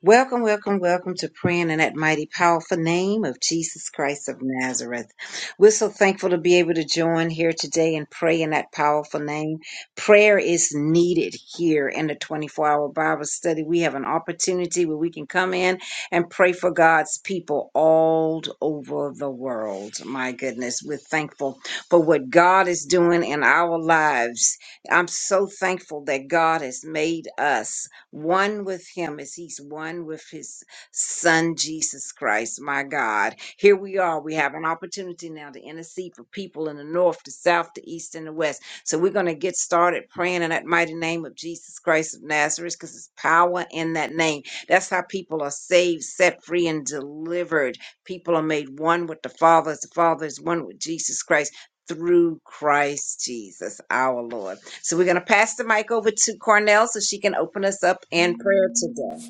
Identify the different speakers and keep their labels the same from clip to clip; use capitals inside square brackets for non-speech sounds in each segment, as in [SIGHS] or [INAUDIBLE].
Speaker 1: Welcome, welcome, welcome to praying in that mighty, powerful name of Jesus Christ of Nazareth. We're so thankful to be able to join here today and pray in that powerful name. Prayer is needed here in the 24 hour Bible study. We have an opportunity where we can come in and pray for God's people all over the world. My goodness, we're thankful for what God is doing in our lives. I'm so thankful that God has made us one with him as he's one with his son Jesus Christ, my God. Here we are. We have an opportunity now to intercede for people in the north, the south, the east, and the west. So we're going to get started praying in that mighty name of Jesus Christ of Nazareth because it's power in that name. That's how people are saved, set free, and delivered. People are made one with the Father as the Father is one with Jesus Christ. Through Christ Jesus, our Lord. So we're going to pass the mic over to Cornell so she can open us up in prayer today.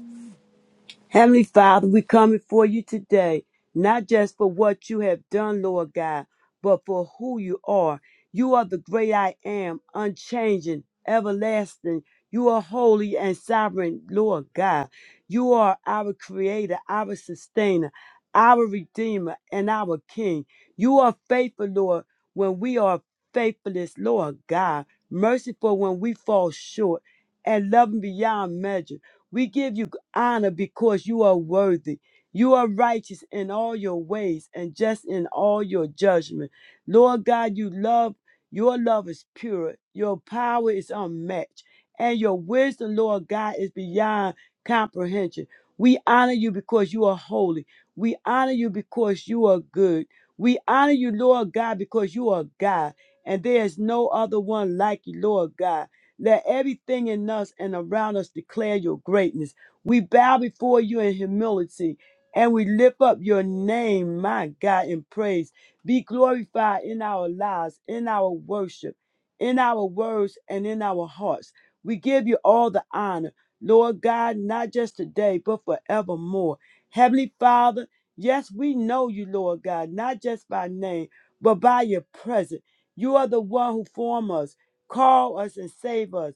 Speaker 2: Heavenly Father, we come before you today, not just for what you have done, Lord God, but for who you are. You are the great I am, unchanging, everlasting. You are holy and sovereign, Lord God. You are our creator, our sustainer, our redeemer, and our king. You are faithful, Lord, when we are faithless, Lord God. Merciful when we fall short, and loving beyond measure. We give you honor because you are worthy. You are righteous in all your ways and just in all your judgment. Lord God, you love, your love is pure, your power is unmatched, and your wisdom, Lord God, is beyond comprehension. We honor you because you are holy. We honor you because you are good. We honor you, Lord God, because you are God, and there is no other one like you, Lord God. Let everything in us and around us declare your greatness. We bow before you in humility and we lift up your name, my God, in praise. Be glorified in our lives, in our worship, in our words, and in our hearts. We give you all the honor, Lord God, not just today, but forevermore. Heavenly Father, yes, we know you, Lord God, not just by name, but by your presence. You are the one who formed us. Call us and save us.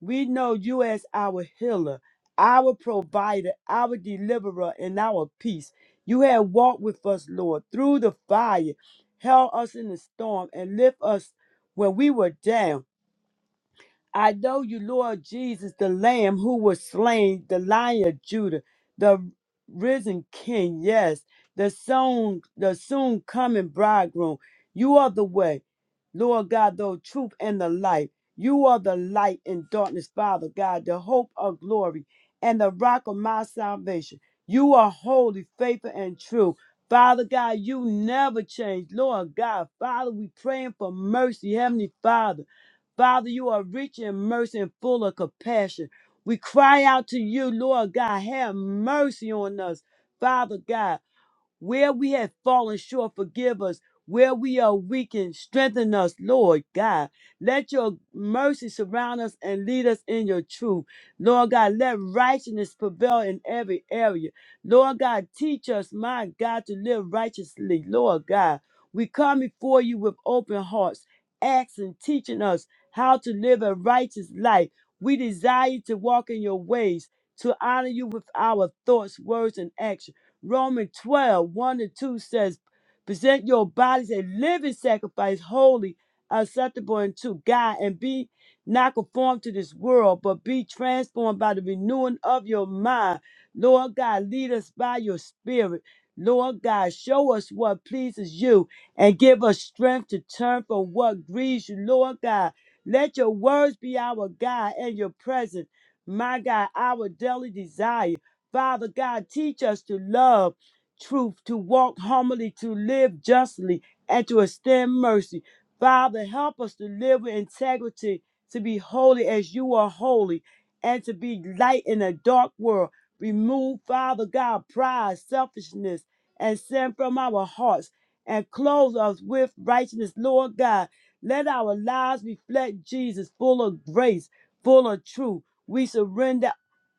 Speaker 2: We know you as our healer, our provider, our deliverer, and our peace. You have walked with us, Lord, through the fire, held us in the storm, and lift us when we were down. I know you, Lord Jesus, the Lamb who was slain, the Lion of Judah, the risen King. Yes, the soon, the soon coming Bridegroom. You are the way, Lord God, the truth and the light. You are the light in darkness, Father God, the hope of glory and the rock of my salvation. You are holy, faithful, and true. Father God, you never change. Lord God, Father, we praying for mercy, Heavenly Father. Father, you are rich in mercy and full of compassion. We cry out to you, Lord God, have mercy on us, Father God. Where we have fallen short, forgive us. Where we are weakened, strengthen us, Lord God. Let your mercy surround us and lead us in your truth. Lord God, let righteousness prevail in every area. Lord God, teach us, my God, to live righteously. Lord God, we come before you with open hearts, asking, teaching us how to live a righteous life. We desire to walk in your ways, to honor you with our thoughts, words, and actions. Romans twelve one 1 and 2 says, present your bodies a living sacrifice, holy, acceptable unto God, and be not conformed to this world, but be transformed by the renewing of your mind. Lord God, lead us by your spirit. Lord God, show us what pleases you and give us strength to turn from what grieves you. Lord God, let your words be our guide and your presence. My God, our daily desire. Father God, teach us to love truth, to walk humbly, to live justly, and to extend mercy. Father, help us to live with integrity, to be holy as you are holy, and to be light in a dark world. Remove, Father God, pride, selfishness, and sin from our hearts, and clothe us with righteousness, Lord God. Let our lives reflect Jesus, full of grace, full of truth. We surrender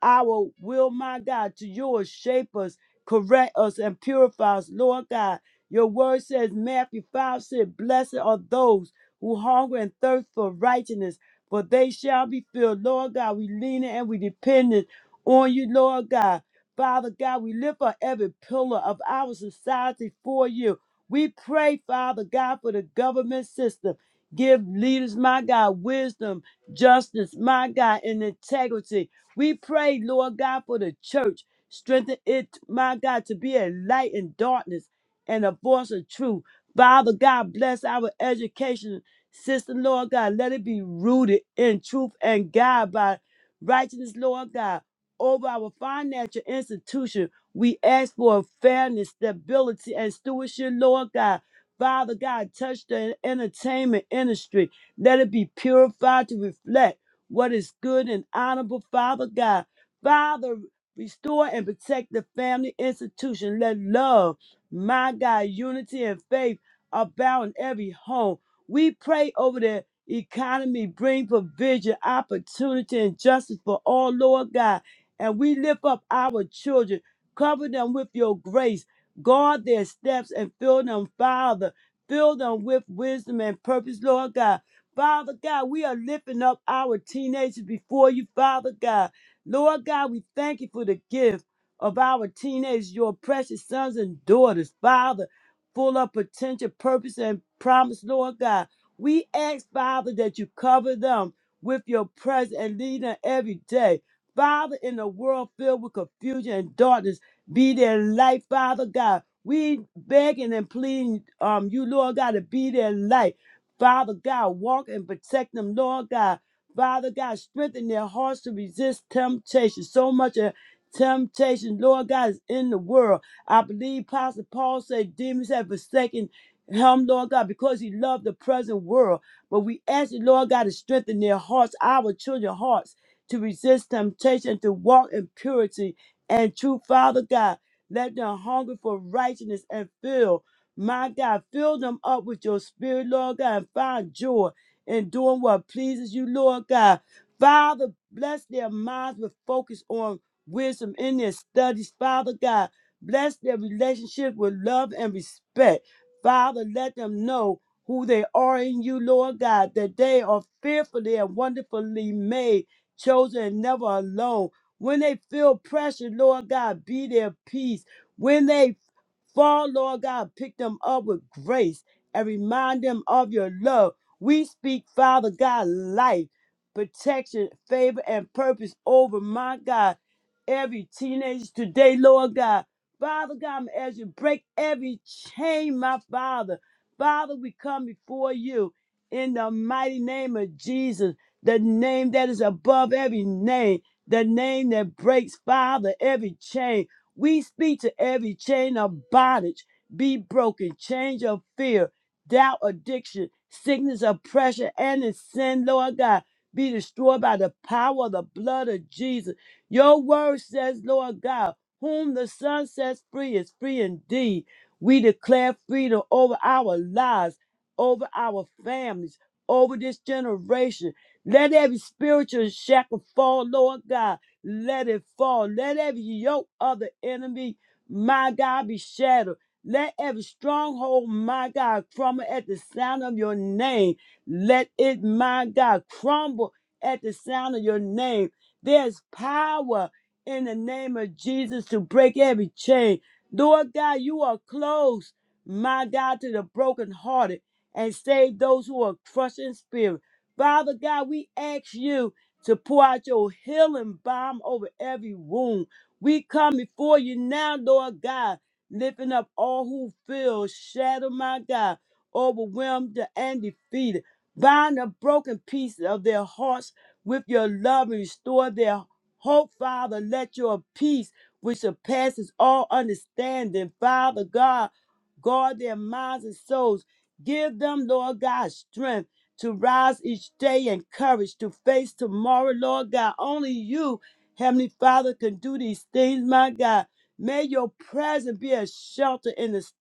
Speaker 2: our will, my God, to yours. Shape us, correct us, and purify us, Lord God. Your word says, Matthew 5 said, Blessed are those who hunger and thirst for righteousness, for they shall be filled. Lord God, we lean and we dependent on you, Lord God. Father God, we lift up every pillar of our society for you. We pray, Father God, for the government system. Give leaders, my God, wisdom, justice, my God, and integrity. We pray, Lord God, for the church. Strengthen it, my God, to be a light in darkness and a voice of truth. Father God, bless our education system, Lord God. Let it be rooted in truth and God by righteousness, Lord God. Over our financial institution, we ask for fairness, stability, and stewardship, Lord God. Father God, touch the entertainment industry. Let it be purified to reflect what is good and honorable, Father God. Father, restore and protect the family institution. Let love, my God, unity and faith abound in every home. We pray over the economy, bring provision, opportunity, and justice for all, Lord God. And we lift up our children, cover them with your grace, guard their steps, and fill them, Father. Fill them with wisdom and purpose, Lord God. Father God, we are lifting up our teenagers before you, Father God. Lord God, we thank you for the gift of our teenagers, your precious sons and daughters, Father, full of potential, purpose, and promise, Lord God. We ask, Father, that you cover them with your presence and lead them every day. Father, in a world filled with confusion and darkness, be their light, Father God. We begging and pleading um, you, Lord God, to be their light. Father God, walk and protect them, Lord God. Father God, strengthen their hearts to resist temptation. So much of temptation, Lord God, is in the world. I believe Apostle Paul said demons have forsaken him, Lord God, because he loved the present world. But we ask you, Lord God, to strengthen their hearts, our children's hearts, to resist temptation, to walk in purity and truth, Father God. Let them hunger for righteousness and filled. My God, fill them up with your spirit, Lord God, and find joy in doing what pleases you, Lord God. Father, bless their minds with focus on wisdom in their studies, Father God. Bless their relationship with love and respect. Father, let them know who they are in you, Lord God, that they are fearfully and wonderfully made, chosen, and never alone. When they feel pressure, Lord God, be their peace. When they Fall, Lord God, pick them up with grace and remind them of your love. We speak, Father God, life, protection, favor, and purpose over my God. Every teenager today, Lord God. Father God, as you break every chain, my Father. Father, we come before you in the mighty name of Jesus, the name that is above every name, the name that breaks, Father, every chain. We speak to every chain of bondage be broken, change of fear, doubt, addiction, sickness, oppression, and the sin, Lord God, be destroyed by the power of the blood of Jesus. Your word says, Lord God, whom the Son sets free is free indeed. We declare freedom over our lives, over our families, over this generation. Let every spiritual shackle fall, Lord God let it fall. Let every yoke of the enemy, my God, be shattered. Let every stronghold, my God, crumble at the sound of your name. Let it, my God, crumble at the sound of your name. There's power in the name of Jesus to break every chain. Lord God, you are close, my God, to the brokenhearted and save those who are crushed in spirit. Father God, we ask you to pour out your healing balm over every wound. We come before you now, Lord God, lifting up all who feel shattered, my God, overwhelmed and defeated. Bind the broken pieces of their hearts with your love and restore their hope, Father. Let your peace, which surpasses all understanding, Father God, guard their minds and souls. Give them, Lord God, strength to rise each day in courage to face tomorrow, Lord God. Only you, Heavenly Father, can do these things, my God. May your presence be a shelter in the s-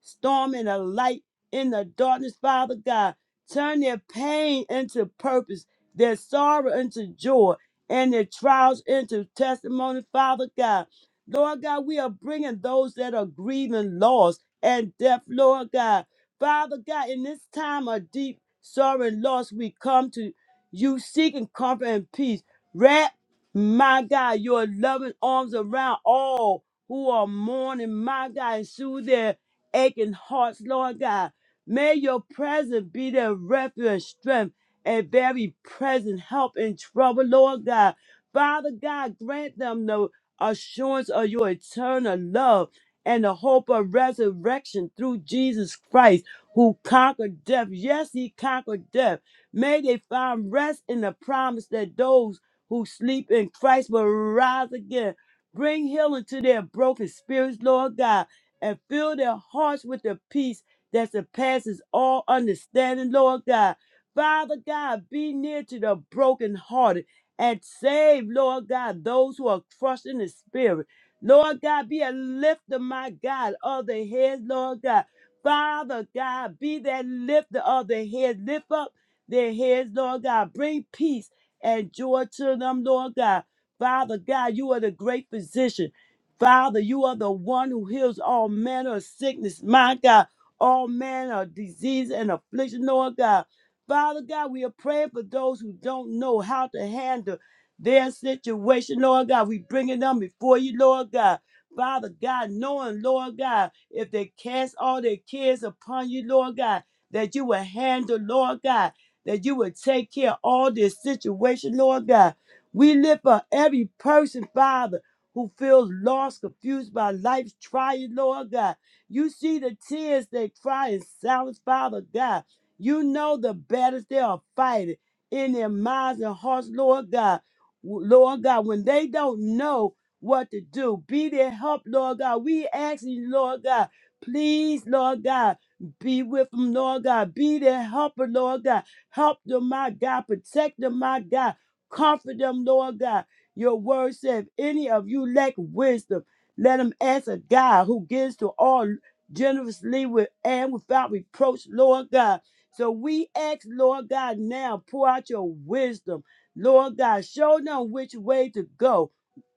Speaker 2: storm and a light in the darkness, Father God. Turn their pain into purpose, their sorrow into joy, and their trials into testimony, Father God. Lord God, we are bringing those that are grieving loss and death, Lord God. Father God, in this time of deep sorrow and loss, we come to you seeking comfort and peace. Wrap, my God, your loving arms around all who are mourning, my God, and soothe their aching hearts, Lord God. May your presence be their refuge and strength and very present help in trouble, Lord God. Father God, grant them the assurance of your eternal love and the hope of resurrection through Jesus Christ who conquered death. Yes, he conquered death. May they find rest in the promise that those who sleep in Christ will rise again. Bring healing to their broken spirits, Lord God, and fill their hearts with the peace that surpasses all understanding, Lord God. Father God, be near to the brokenhearted and save, Lord God, those who are crushed in the spirit. Lord God, be a lifter, my God, of the heads, Lord God. Father God, be that lifter of their heads. Lift up their heads, Lord God. Bring peace and joy to them, Lord God. Father God, you are the great physician. Father, you are the one who heals all manner of sickness, my God, all manner of disease and affliction, Lord God. Father God, we are praying for those who don't know how to handle their situation, Lord God. We bringing them before you, Lord God. Father God, knowing, Lord God if they cast all their cares upon you, Lord God, that you will handle, Lord God, that you will take care of all this situation, Lord God. We lift up every person, Father, who feels lost, confused by life's trial, Lord God. You see the tears they cry in silence, Father God. You know the battles they are fighting in their minds and hearts, Lord God. W- Lord God, when they don't know what to do. Be their help, Lord God. We ask you, Lord God, please, Lord God, be with them, Lord God. Be their helper, Lord God. Help them, my God. Protect them, my God. Comfort them, Lord God. Your word said, if any of you lack wisdom, let him ask a God who gives to all generously with and without reproach, Lord God. So we ask, Lord God, now pour out your wisdom. Lord God, show them which way to go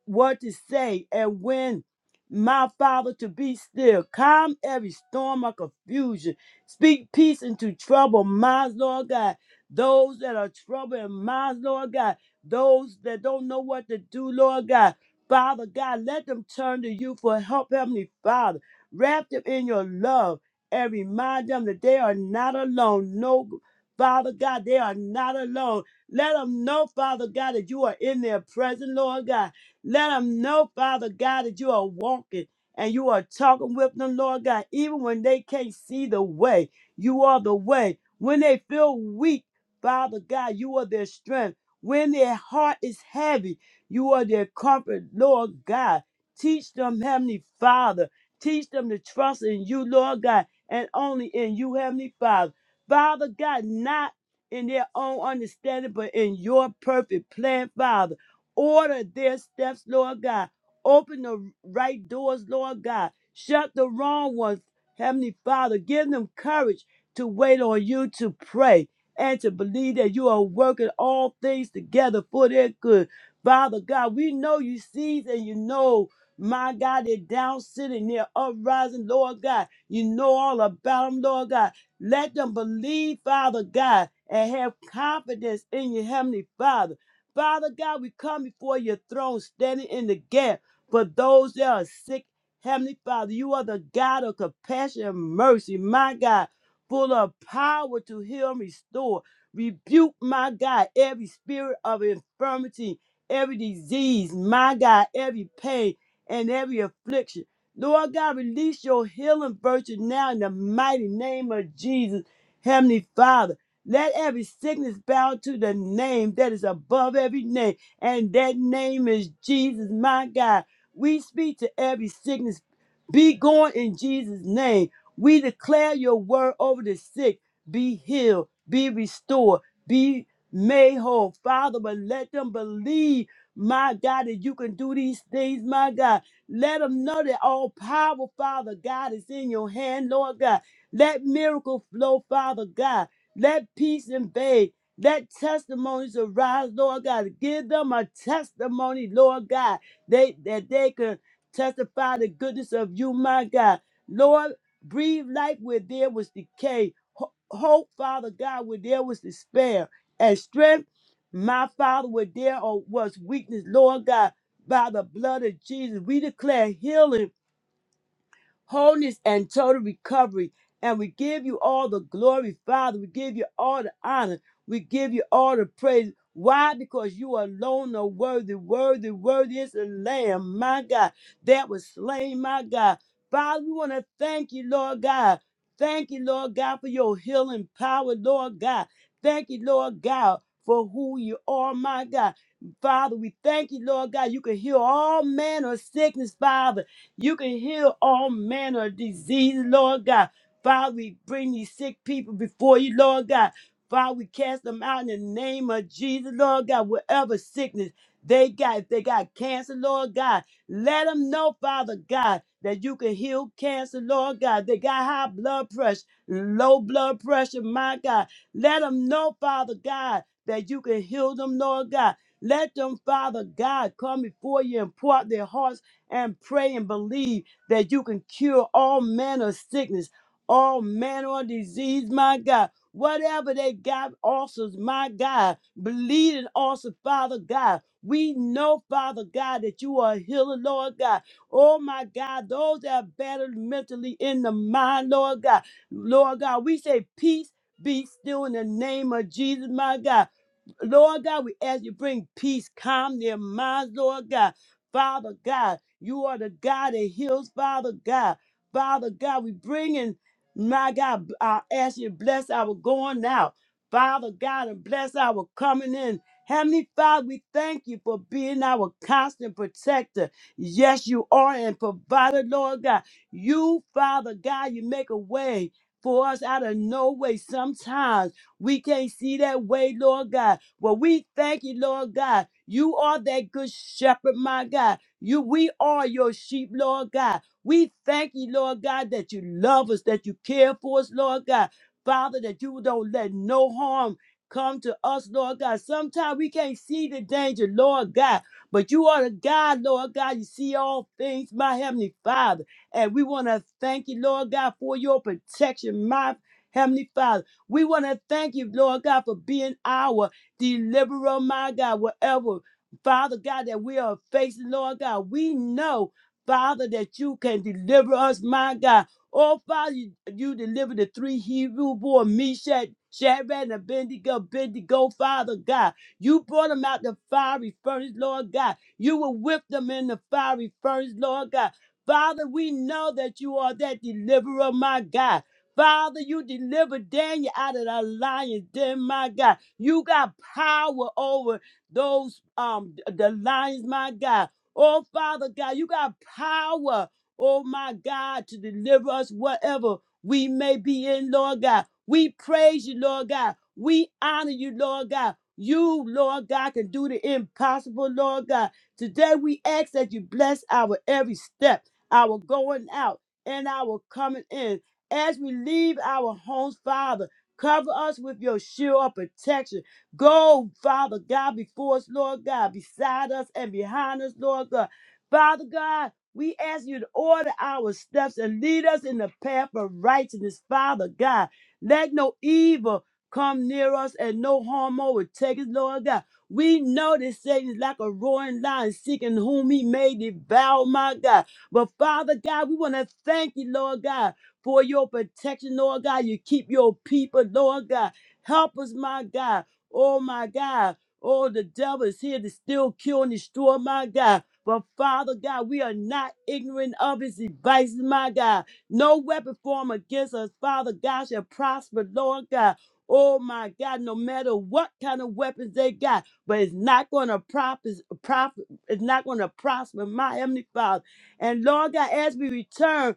Speaker 2: what to say and when my father to be still calm every storm of confusion speak peace into troubled minds lord god those that are troubled in minds lord god those that don't know what to do lord god father god let them turn to you for help heavenly father wrap them in your love and remind them that they are not alone no father god they are not alone let them know father god that you are in their presence lord god let them know, Father God, that you are walking and you are talking with them, Lord God, even when they can't see the way. You are the way. When they feel weak, Father God, you are their strength. When their heart is heavy, you are their comfort, Lord God. Teach them, Heavenly Father. Teach them to trust in you, Lord God, and only in you, Heavenly Father. Father God, not in their own understanding, but in your perfect plan, Father. Order their steps, Lord God. Open the right doors, Lord God. Shut the wrong ones, Heavenly Father. Give them courage to wait on you to pray and to believe that you are working all things together for their good. Father God, we know you sees and you know, my God, they're down sitting, they're uprising, Lord God. You know all about them, Lord God. Let them believe, Father God, and have confidence in your Heavenly Father. Father God, we come before your throne, standing in the gap for those that are sick. Heavenly Father, you are the God of compassion and mercy, my God, full of power to heal and restore. Rebuke, my God, every spirit of infirmity, every disease, my God, every pain and every affliction. Lord God, release your healing virtue now in the mighty name of Jesus. Heavenly Father. Let every sickness bow to the name that is above every name, and that name is Jesus, my God. We speak to every sickness, be gone in Jesus' name. We declare your word over the sick, be healed, be restored, be made whole. Father, but let them believe, my God, that you can do these things, my God. Let them know that all power, Father God, is in your hand, Lord God. Let miracle flow, Father God. Let peace invade. Let testimonies arise, Lord God. Give them a testimony, Lord God, they, that they can testify the goodness of you, my God. Lord, breathe life where there was decay, ho- hope, Father God, where there was despair, and strength, my Father, where there uh, was weakness, Lord God. By the blood of Jesus, we declare healing wholeness and total recovery. And we give you all the glory, Father. We give you all the honor. We give you all the praise. Why? Because you alone are worthy, worthy, worthy is the Lamb, my God, that was slain, my God. Father, we want to thank you, Lord God. Thank you, Lord God, for your healing power, Lord God. Thank you, Lord God, for who you are, my God. Father, we thank you, Lord God. You can heal all manner of sickness, Father. You can heal all manner of disease, Lord God. Father, we bring these sick people before you, Lord God. Father, we cast them out in the name of Jesus, Lord God. Whatever sickness they got, if they got cancer, Lord God, let them know, Father God, that you can heal cancer, Lord God. They got high blood pressure, low blood pressure, my God. Let them know, Father God, that you can heal them, Lord God. Let them, Father God, come before you and pour out their hearts and pray and believe that you can cure all manner of sickness, all manner of disease, my God. Whatever they got, ulcers, my God, bleeding ulcers, Father God. We know, Father God, that you are a healer, Lord God. Oh my God, those that are battered mentally in the mind, Lord God. Lord God, we say peace be still in the name of Jesus, my God. Lord God, we ask you bring peace, calm their minds, Lord God. Father God, you are the God that heals, Father God. Father God, we bring in, my God, I ask you to bless our going out. Father God, and bless our coming in. Heavenly Father, we thank you for being our constant protector. Yes, you are and provider, Lord God. You, Father God, you make a way for us out of no way. Sometimes we can't see that way, Lord God. Well, we thank you, Lord God. You are that good shepherd, my God. You, we are your sheep, Lord God. We thank you, Lord God, that you love us, that you care for us, Lord God. Father, that you don't let no harm come to us, Lord God. Sometimes we can't see the danger, Lord God, but you are the God, Lord God. You see all things, my Heavenly Father. And we want to thank you, Lord God, for your protection, my Heavenly Father. We want to thank you, Lord God, for being our deliverer, my God, whatever, Father God, that we are facing, Lord God, we know, Father, that you can deliver us, my God. Oh, Father, you, you delivered the three Hebrew boys, Meshach, Shadrach, and Abednego, Abednego, Father God. You brought them out the fiery furnace, Lord God. You were with them in the fiery furnace, Lord God. Father, we know that you are that deliverer, my God. Father, you delivered Daniel out of the lion's den, my God. You got power over those um th- the lions, my God. Oh Father God, you got power, oh my God, to deliver us whatever we may be in, Lord God. We praise you, Lord God. We honor you, Lord God. You, Lord God, can do the impossible, Lord God. Today we ask that you bless our every step, our going out and our coming in. As we leave our homes, Father. Cover us with your shield of protection. Go, Father God, before us, Lord God, beside us and behind us, Lord God. Father God, we ask you to order our steps and lead us in the path of righteousness, Father God. Let no evil come near us and no harm overtake us, Lord God. We know that Satan is like a roaring lion seeking whom he may devour, my God. But Father God, we want to thank you, Lord God for your protection, Lord God. You keep your people, Lord God. Help us, my God. Oh, my God. Oh, the devil is here to still kill and destroy, my God. But Father God, we are not ignorant of his devices, my God. No weapon formed against us, Father God, shall prosper, Lord God. Oh my God, no matter what kind of weapons they got, but it's not gonna profit, profit it's not gonna prosper, my heavenly Father. And Lord God, as we return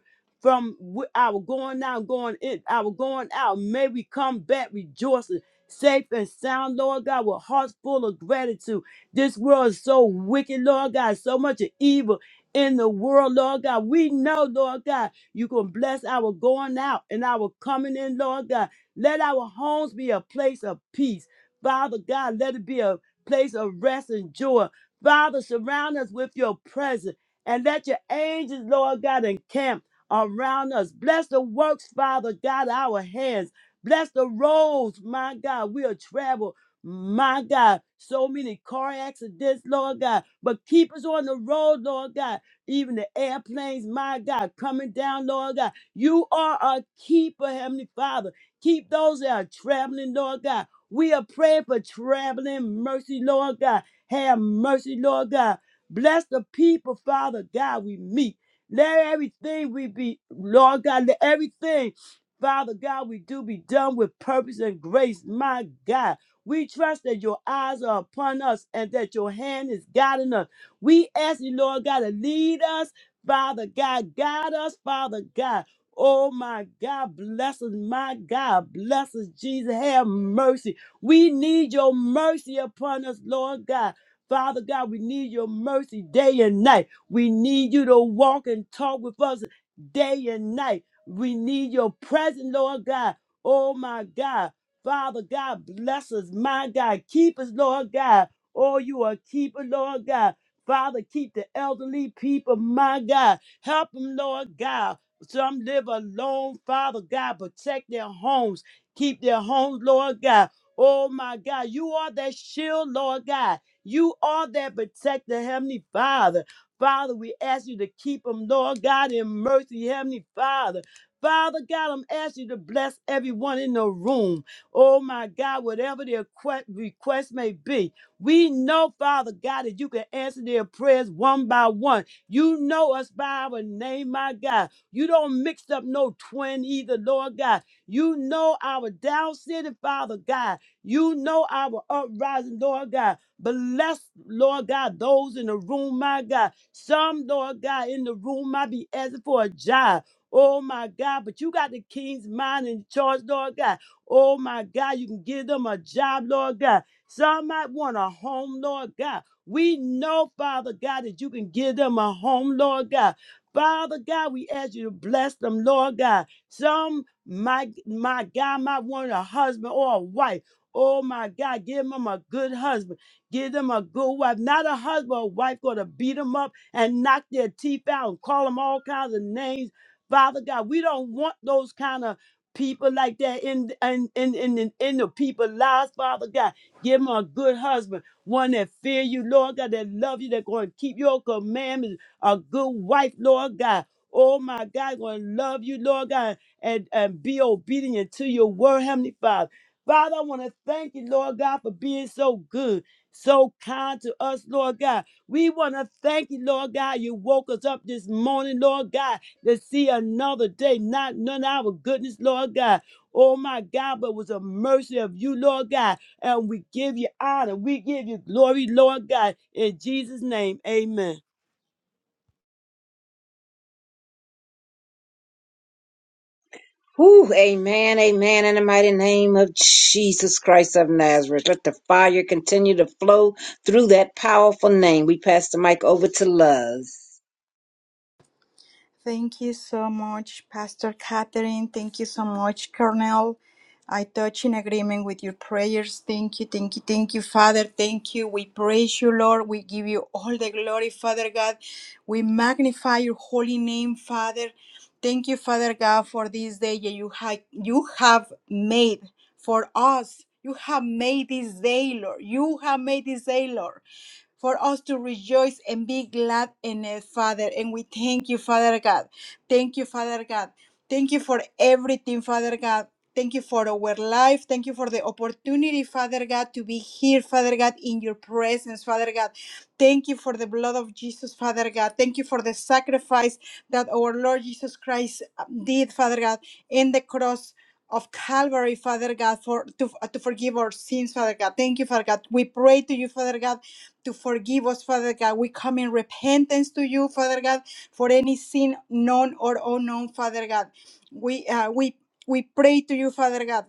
Speaker 2: from wh- our going out, going in, our going out. May we come back rejoicing, safe and sound, Lord God, with hearts full of gratitude. This world is so wicked, Lord God, so much of evil in the world, Lord God. We know, Lord God, you can bless our going out and our coming in, Lord God. Let our homes be a place of peace. Father God, let it be a place of rest and joy. Father, surround us with your presence and let your angels, Lord God, encamp around us. Bless the works, Father God, our hands. Bless the roads, my God. We'll travel, my God. So many car accidents, Lord God. But keep us on the road, Lord God. Even the airplanes, my God, coming down, Lord God. You are a keeper, Heavenly Father. Keep those that are traveling, Lord God. We are praying for traveling mercy, Lord God. Have mercy, Lord God. Bless the people, Father God, we meet. Let everything we be, Lord God, let everything, Father God, we do be done with purpose and grace, my God. We trust that your eyes are upon us and that your hand is guiding us. We ask you, Lord God, to lead us, Father God, guide us, Father God. Oh my God, bless us, my God, bless us, Jesus. Have mercy. We need your mercy upon us, Lord God. Father God, we need your mercy day and night. We need you to walk and talk with us day and night. We need your presence, Lord God. Oh my God. Father God, bless us, my God. Keep us, Lord God. Oh, you are a keeper, Lord God. Father, keep the elderly people, my God. Help them, Lord God. Some live alone, Father God. Protect their homes. Keep their homes, Lord God. Oh, my God. You are that shield, Lord God. You are that protector, Heavenly Father. Father, we ask you to keep them, Lord God, in mercy, Heavenly Father. Father God, I'm asking you to bless everyone in the room. Oh my God, whatever their que- request may be, we know, Father God, that you can answer their prayers one by one. You know us by our name, my God. You don't mix up no twin either, Lord God. You know our down city, Father God. You know our uprising, Lord God. Bless, Lord God, those in the room, my God. Some, Lord God, in the room might be asking for a job. Oh my God, but you got the king's mind in charge, Lord God. Oh my God, you can give them a job, Lord God. Some might want a home, Lord God. We know, Father God, that you can give them a home, Lord God. Father God, we ask you to bless them, Lord God. Some, my, my God, might want a husband or a wife. Oh my God, give them a good husband. Give them a good wife. Not a husband or wife going to beat them up and knock their teeth out and call them all kinds of names. Father God, we don't want those kind of people like that in in in in, in, in the people lives, Father God. Give them a good husband, one that fear you, Lord God, that love you, that going to keep your commandments, a good wife, Lord God. Oh my God, going to love you, Lord God, and, and be obedient to your word, Heavenly Father. Father, I want to thank you, Lord God, for being so good, so kind to us, Lord God. We want to thank you, Lord God. You woke us up this morning, Lord God, to see another day, not none of our goodness, Lord God. Oh my God, but it was a mercy of you, Lord God. And we give you honor. We give you glory, Lord God. In Jesus' name, amen.
Speaker 1: Whew, amen, amen, in the mighty name of Jesus Christ of Nazareth. Let the fire continue to flow through that powerful name. We pass the mic over to Luz.
Speaker 3: Thank you so much, Pastor Catherine. Thank you so much, Colonel. I touch in agreement with your prayers. Thank you, thank you, thank you, Father. Thank you. We praise you, Lord. We give you all the glory, Father God. We magnify your holy name, Father. Thank you, Father God, for this day that you have you have made for us. You have made this day, Lord. You have made this day, Lord for us to rejoice and be glad in it, Father. And we thank you, Father God. Thank you, Father God. Thank you for everything, Father God. Thank you for our life. Thank you for the opportunity, Father God, to be here, Father God, in your presence, Father God. Thank you for the blood of Jesus, Father God. Thank you for the sacrifice that our Lord Jesus Christ uh, did, Father God, in the cross of Calvary, Father God, for to, to forgive our sins, Father God. Thank you, Father God. We pray to you, Father God to forgive us, Father God. We come in repentance to you, Father God, for any sin known or unknown, Father God. We uh, we we pray to you, Father God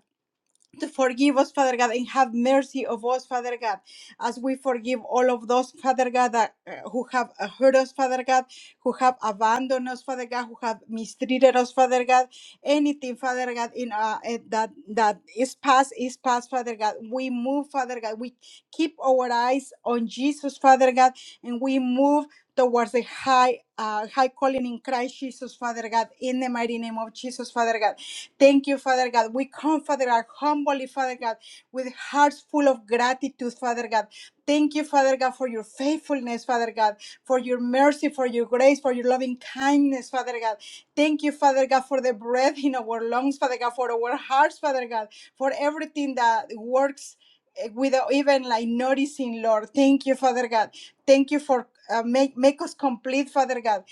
Speaker 3: forgive us, Father God, and have mercy of us, Father God, as we forgive all of those, Father God, that, uh, who have uh, hurt us, Father God, who have abandoned us, Father God, who have mistreated us, Father God. Anything, Father God, in uh, eh, that that is past is past, Father God. We move, Father God. We keep our eyes on Jesus, Father God, and we move towards the high. Uh, high calling in Christ Jesus, Father God, in the mighty name of Jesus, Father God. Thank you, Father God. We come, Father God, humbly, Father God, with hearts full of gratitude, Father God. Thank you, Father God, for your faithfulness, Father God, for your mercy, for your grace, for your loving kindness, Father God. Thank you, Father God, for the breath in our lungs, Father God, for our hearts, Father God, for everything that works eh, without even like noticing, Lord. Thank you, Father God. Thank you for uh, make make us complete, Father God.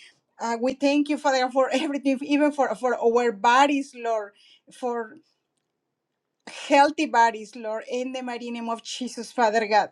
Speaker 3: Uh, we thank you, Father, God, for everything, even for for our bodies, Lord, for healthy bodies, Lord, in the mighty name of Jesus, Father God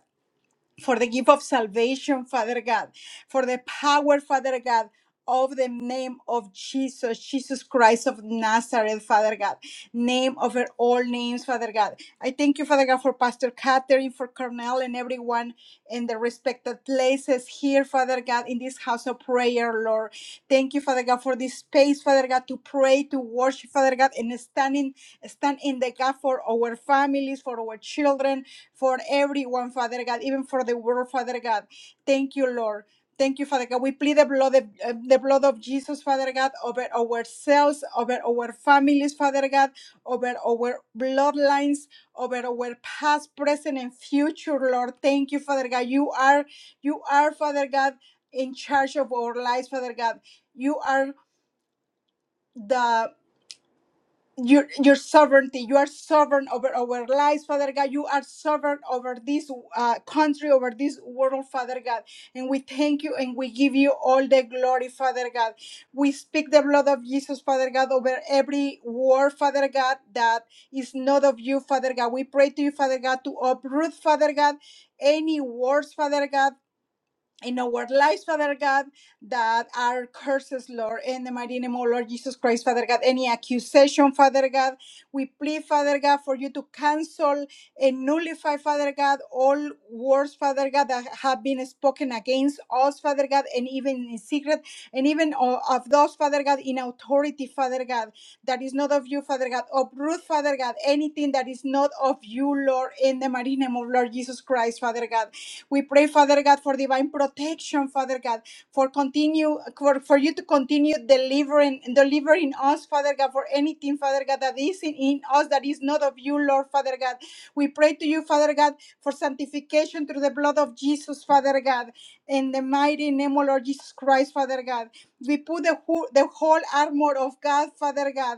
Speaker 3: for the gift of salvation, Father God, for the power, Father God. Of the name of Jesus, Jesus Christ of Nazareth, Father God, name over all names, Father God. I thank you, Father God, for Pastor Catherine, for Cornell, and everyone in the respected places here, Father God, in this house of prayer, Lord. Thank you, Father God, for this space, Father God, to pray, to worship, Father God, and stand in stand in the gap for our families, for our children, for everyone, Father God, even for the world, Father God. Thank you, Lord. Thank you, Father God. We plead the blood, the uh, the blood of Jesus, Father God, over ourselves, over our families, Father God, over our bloodlines, over our past, present, and future, Lord. Thank you, Father God. You are, you are, Father God, in charge of our lives, Father God. You are the your your sovereignty you are sovereign over our lives father god you are sovereign over this uh, country over this world father god and we thank you and we give you all the glory father god we speak the blood of jesus father god over every war father god that is not of you father god we pray to you father god to uproot father god any wars father god in our lives, Father God, that are curses, Lord, in the mighty name of Lord Jesus Christ, Father God. Any accusation, Father God, we plead, Father God, for you to cancel and nullify, Father God, all words, Father God, that have been spoken against us, Father God, and even in secret, and even o- of those, Father God, in authority, Father God, that is not of you, Father God. Uproot, Father God, anything that is not of you, Lord, in the mighty name of Lord Jesus Christ, Father God we pray, Father God, for divine protection, Father God, for continue for, for you to continue delivering delivering us, Father God, for anything, Father God, that is in, in us that is not of you, Lord, Father God. We pray to you, Father God, for sanctification through the blood of Jesus, Father God, in the mighty name of Lord Jesus Christ, Father God. We put the whole, the whole armor of God, Father God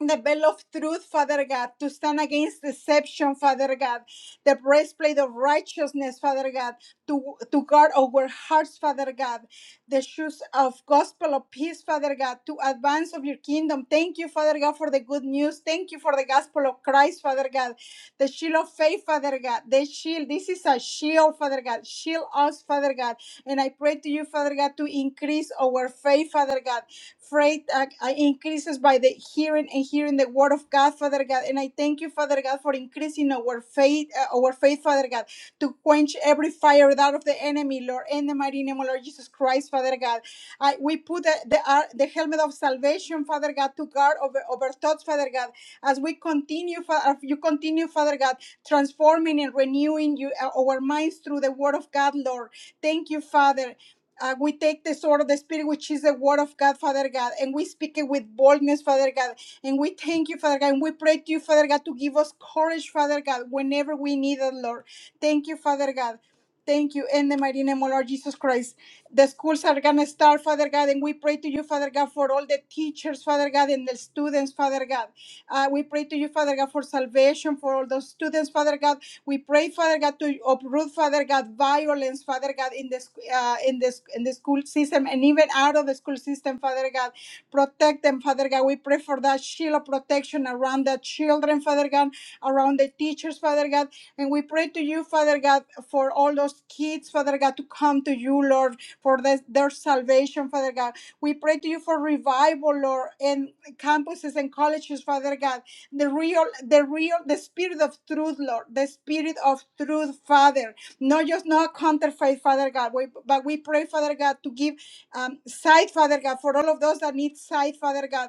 Speaker 3: the belt of truth, Father God, to stand against deception, Father God, the breastplate of righteousness, Father God, to, to guard our hearts, Father God, the shoes of gospel of peace, Father God, to advance of your kingdom. Thank you, Father God, for the good news. Thank you for the gospel of Christ, Father God, the shield of faith, Father God, the shield. This is a shield, Father God. Shield us, Father God. And I pray to you, Father God, to increase our faith, Father God Faith uh, uh, increases by the hearing and hearing the word of God, Father God. And I thank you, Father God, for increasing our faith, uh, our faith, Father God, to quench every fire that of the enemy, Lord, in the mighty name of Lord Jesus Christ, Father God. I, we put the the, uh, the helmet of salvation, Father God, to guard over over thoughts, Father God, as we continue, Fa- as you continue, Father God, transforming and renewing you uh, our minds through the Word of God, Lord. Thank you, Father. Uh, we take the sword of the Spirit, which is the word of God, Father God, and we speak it with boldness, Father God. And we thank you, Father God, and we pray to you, Father God, to give us courage, Father God, whenever we need it, Lord. Thank you, Father God. Thank you, in the mighty name of Lord Jesus Christ. The schools are going to start, Father God, and we pray to you, Father God, for all the teachers, Father God, and the students, Father God. Uh, we pray to you, Father God, for salvation for all those students, Father God, we pray, Father God, to uproot, Father God, violence, Father God, in this uh, in this in the school system and even out of the school system, Father God. Protect them, Father God. We pray for that shield of protection around the children, Father God, around the teachers, Father God. And we pray to you, Father God, for all those kids, Father God, to come to you, Lord, for this, their salvation, Father God. We pray to you for revival, Lord, in campuses and colleges, Father God the real, the real, the spirit of truth, Lord, the spirit of truth, Father, not just not counterfeit, Father God, we, but we pray, Father God, to give um, sight, Father God, for all of those that need sight, Father God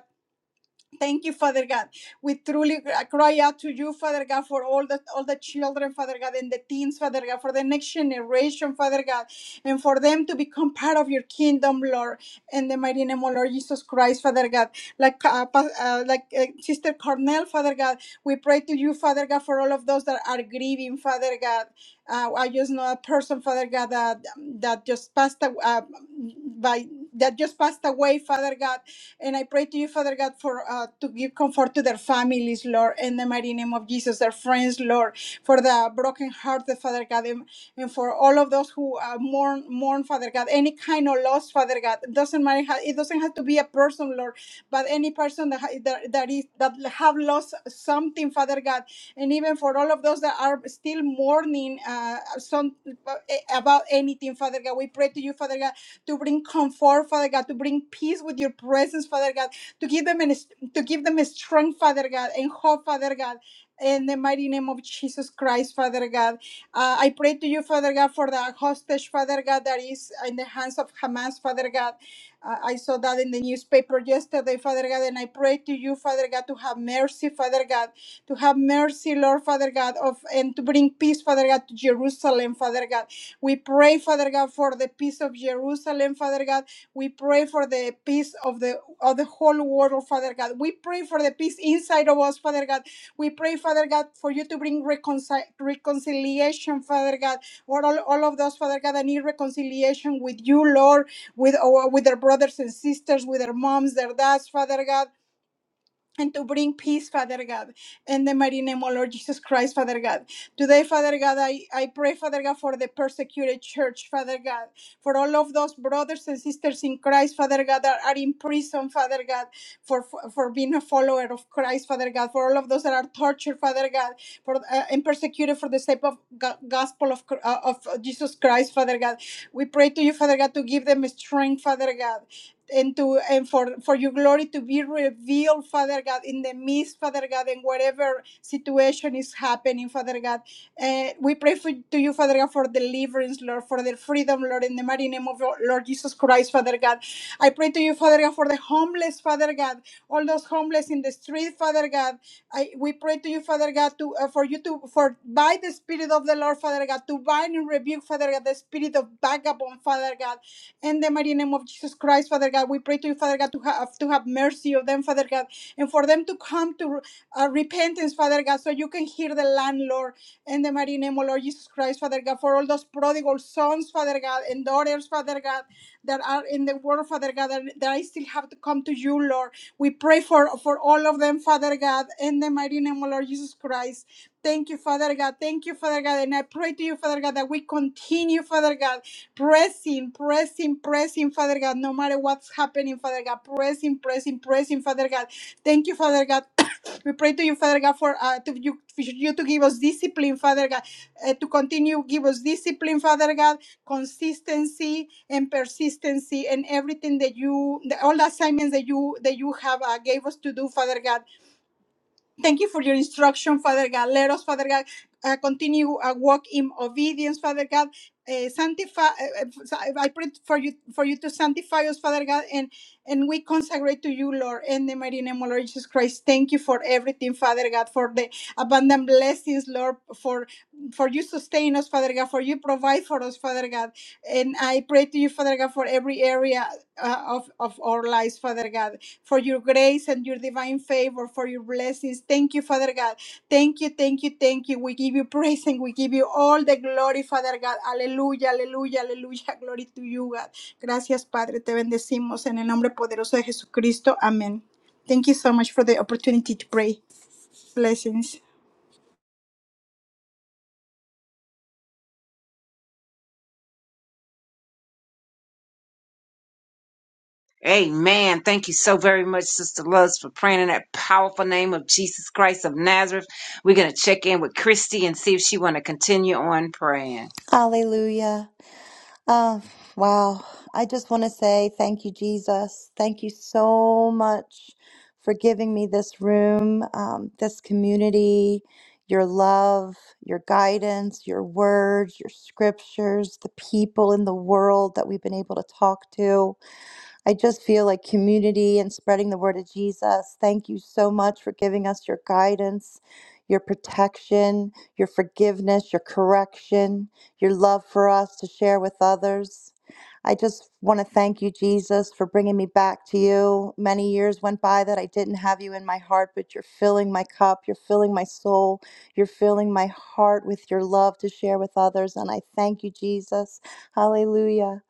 Speaker 3: Thank you, Father God. We truly uh, cry out to you, Father God, for all the all the children, Father God, and the teens, Father God, for the next generation, Father God, and for them to become part of your kingdom, Lord, in the mighty name of Lord Jesus Christ, Father God. Like uh, pa- uh, like uh, Sister Cornell, Father God, we pray to you, Father God, for all of those that are grieving, Father God. Uh, I just know a person, Father God, that, that just passed away, uh, by that just passed away, Father God and I pray to you, Father God, for uh, to give comfort to their families, Lord, in the mighty name of Jesus, their friends, Lord, for the broken heart, the Father God, and, and for all of those who uh, mourn, mourn, Father God, any kind of loss, Father God, doesn't matter. How, it doesn't have to be a person, Lord, but any person that, ha- that that is that have lost something, Father God, and even for all of those that are still mourning uh, some uh, eh, about anything, Father God, we pray to you, Father God to bring comfort, Father God, to bring peace with your presence, Father God, to give them an, to give them strength, Father God, and hope, Father God. In the mighty name of Jesus Christ, Father God. Uh, I pray to you, Father God, for the hostage, Father God, that is in the hands of Hamas, Father God. Uh, I saw that in the newspaper yesterday, Father God, and I pray to you, Father God, to have mercy, Father God to have mercy, Lord Father God, of and to bring peace, Father God, to Jerusalem, Father God. We pray, Father God, for the peace of Jerusalem, Father God. We pray for the peace of the of the whole world, Father God. We pray for the peace inside of us, Father God. We pray, Father God, for you to bring reconcil- reconciliation, Father God, or all, all of those, Father God, that need reconciliation with you, Lord, with our with their brothers and sisters, with their moms, their dads, Father God and to bring peace, Father God, in the mighty name of Lord Jesus Christ, Father God. Today, Father God, I, I pray, Father God, for the persecuted church, Father God, for all of those brothers and sisters in Christ, Father God, that are in prison, Father God, for for being a follower of Christ, Father God, for all of those that are tortured, Father God, for uh, and persecuted for the sake of go- gospel of, Cr- uh, of Jesus Christ, Father God. We pray to you, Father God, to give them strength, Father God and to and for for your glory to be revealed father god in the midst father god and whatever situation is happening father god uh, we pray for to you father god for deliverance lord for the freedom lord in the mighty name of your lord jesus christ father god i pray to you father god for the homeless father god all those homeless in the street father god I, we pray to you father god to uh, for you to for by the spirit of the lord father god to bind and rebuke father god the spirit of vagabond father god in the mighty name of Jesus Christ, Father God, we pray to you, Father God, to have to have mercy of them, Father God, and for them to come to uh, repentance, Father God, so you can hear the landlord. In the mighty name of Lord Jesus Christ, Father God, for all those prodigal sons, Father God, and daughters, Father God, that are in the world, Father God, that, that I still have to come to you, Lord. We pray for for all of them, Father God, in the mighty name of Lord Jesus Christ. Thank you, Father God. Thank you, Father God. And I pray to you, Father God, that we continue, Father God pressing, pressing, pressing, Father God, no matter what's happening, Father God, pressing, pressing, pressing, Father God. Thank you, Father God. [COUGHS] we pray to you, Father God, for uh, to you, for you to give us discipline, Father God, uh, to continue give us discipline, Father God, consistency and persistency, and everything that you, the, all the assignments that you that you have uh, gave us to do, Father God. Thank you for your instruction, Father God. Let us, Father God, uh, continue a walk in obedience, Father God. Uh, sanctify. Uh, uh, I pray for you for you to sanctify us, Father God, and and we consecrate to you, Lord, in the mighty name of Lord Jesus Christ. Thank you for everything, Father God, for the abundant blessings, Lord, for for you sustain us, Father God, for you provide for us, Father God, and I pray to you, Father God, for every area uh, of of our lives, Father God for your grace and your divine favor, for your blessings. Thank you, Father God. Thank you, thank you, thank you. We give you praise and we give you all the glory, Father God. Aleluya, aleluya, aleluya. [LAUGHS] Glory to you, God. Gracias, Padre. Te bendecimos en el nombre poderoso de Jesucristo. Amén. Thank you so much for the opportunity to pray. Blessings.
Speaker 1: Amen. Thank you so very much, Sister Luz, for praying in that powerful name of Jesus Christ of Nazareth. We're going to check in with Christy and see if she want to continue on praying.
Speaker 4: Hallelujah. Oh, wow. I just want to say thank you, Jesus. Thank you so much for giving me this room, um, this community, your love, your guidance, your words, your scriptures, the people in the world that we've been able to talk to. I just feel like community and spreading the word of Jesus. Thank you so much for giving us your guidance, your protection, your forgiveness, your correction, your love for us to share with others. I just want to thank you, Jesus, for bringing me back to you. Many years went by that I didn't have you in my heart, but you're filling my cup, you're filling my soul, you're filling my heart with your love to share with others. And I thank you, Jesus. Hallelujah.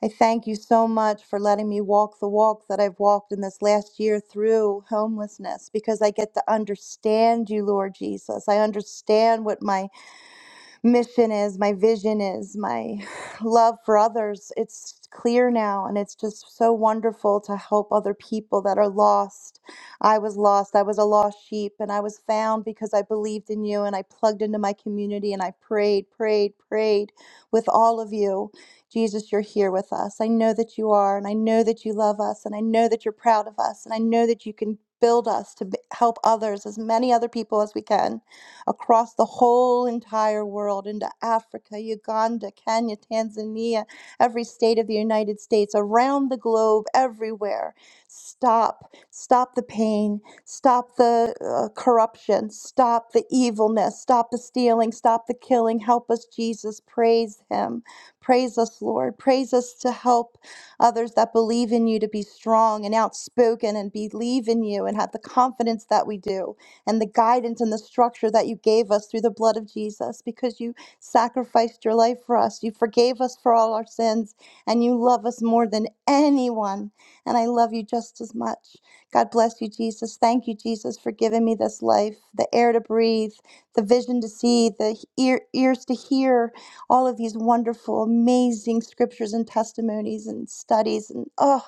Speaker 4: I thank you so much for letting me walk the walk that I've walked in this last year through homelessness because I get to understand you, Lord Jesus. I understand what my mission is, my vision is, my [SIGHS] love for others. It's clear now, and it's just so wonderful to help other people that are lost. I was lost. I was a lost sheep, and I was found because I believed in you and I plugged into my community and I prayed, prayed, prayed with all of you. Jesus, you're here with us. I know that you are, and I know that you love us, and I know that you're proud of us, and I know that you can build us to b- help others, as many other people as we can across the whole entire world into Africa, Uganda, Kenya, Tanzania, every state of the United States, around the globe, everywhere. Stop. Stop the pain. Stop the uh, corruption. Stop the evilness. Stop the stealing. Stop the killing. Help us, Jesus. Praise Him. Praise us, Lord. Praise us to help others that believe in you to be strong and outspoken and believe in you and have the confidence that we do and the guidance and the structure that you gave us through the blood of Jesus because you sacrificed your life for us. You forgave us for all our sins and you love us more than anyone. And I love you just as much. God bless you, Jesus. Thank you, Jesus, for giving me this life, the air to breathe, the vision to see, the ear, ears to hear, all of these wonderful, amazing scriptures and testimonies and studies. And oh,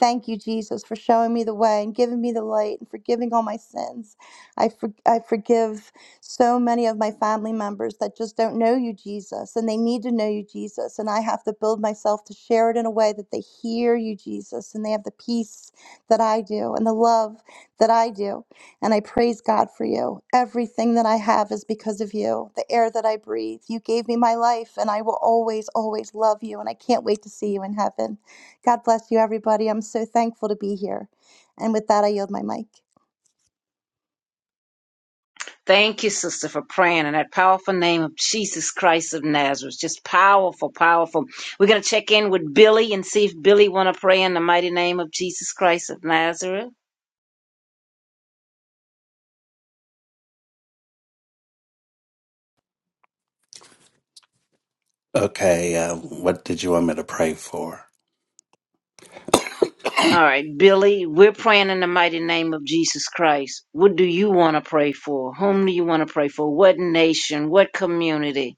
Speaker 4: thank you, Jesus, for showing me the way and giving me the light and forgiving all my sins. I, for, I forgive so many of my family members that just don't know you, Jesus, and they need to know you, Jesus. And I have to build myself to share it in a way that they hear you, Jesus, and they have the peace that I do and the love that I do. And I praise God for you. Everything that I have is because of you, the air that I breathe. You gave me my life, and I will always, always love you. And I can't wait to see you in heaven. God bless you, everybody. I'm so thankful to be here. And with that, I yield my mic.
Speaker 1: Thank you, sister, for praying in that powerful name of Jesus Christ of Nazareth. Just powerful, powerful. We're going to check in with Billy and see if Billy want to pray in the mighty name of Jesus Christ of Nazareth.
Speaker 5: Okay, uh, what did you want me to pray for?
Speaker 1: All right, Billy, we're praying in the mighty name of Jesus Christ. What do you want to pray for? Whom do you want to pray for? What nation? What community?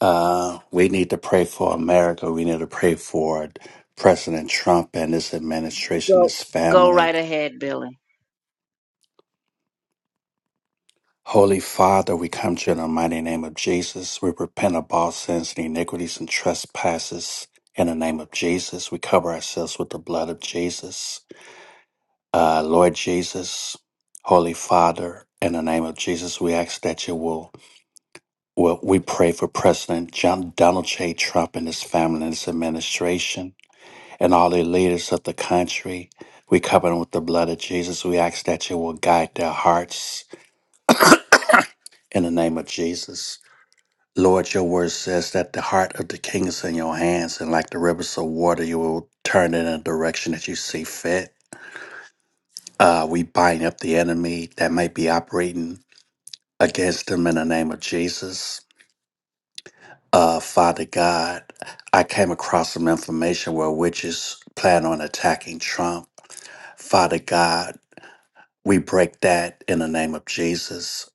Speaker 5: Uh, we need to pray for America. We need to pray for President Trump and his administration,
Speaker 1: Go,
Speaker 5: his
Speaker 1: go
Speaker 5: family.
Speaker 1: right ahead, Billy.
Speaker 5: Holy Father, we come to you in the mighty name of Jesus. We repent of all sins and iniquities and trespasses. In the name of Jesus, we cover ourselves with the blood of Jesus. Uh, Lord Jesus, Holy Father, in the name of Jesus, we ask that you will Well, we pray for President John, Donald J. Trump and his family and his administration and all the leaders of the country. We cover them with the blood of Jesus. We ask that you will guide their hearts in the name of Jesus. Lord, your word says that the heart of the king is in your hands, and like the rivers of water, you will turn it in a direction that you see fit. Uh, we bind up the enemy that may be operating against them in the name of Jesus. uh, Father God, I came across some information where witches plan on attacking Trump. Father God, we break that in the name of Jesus.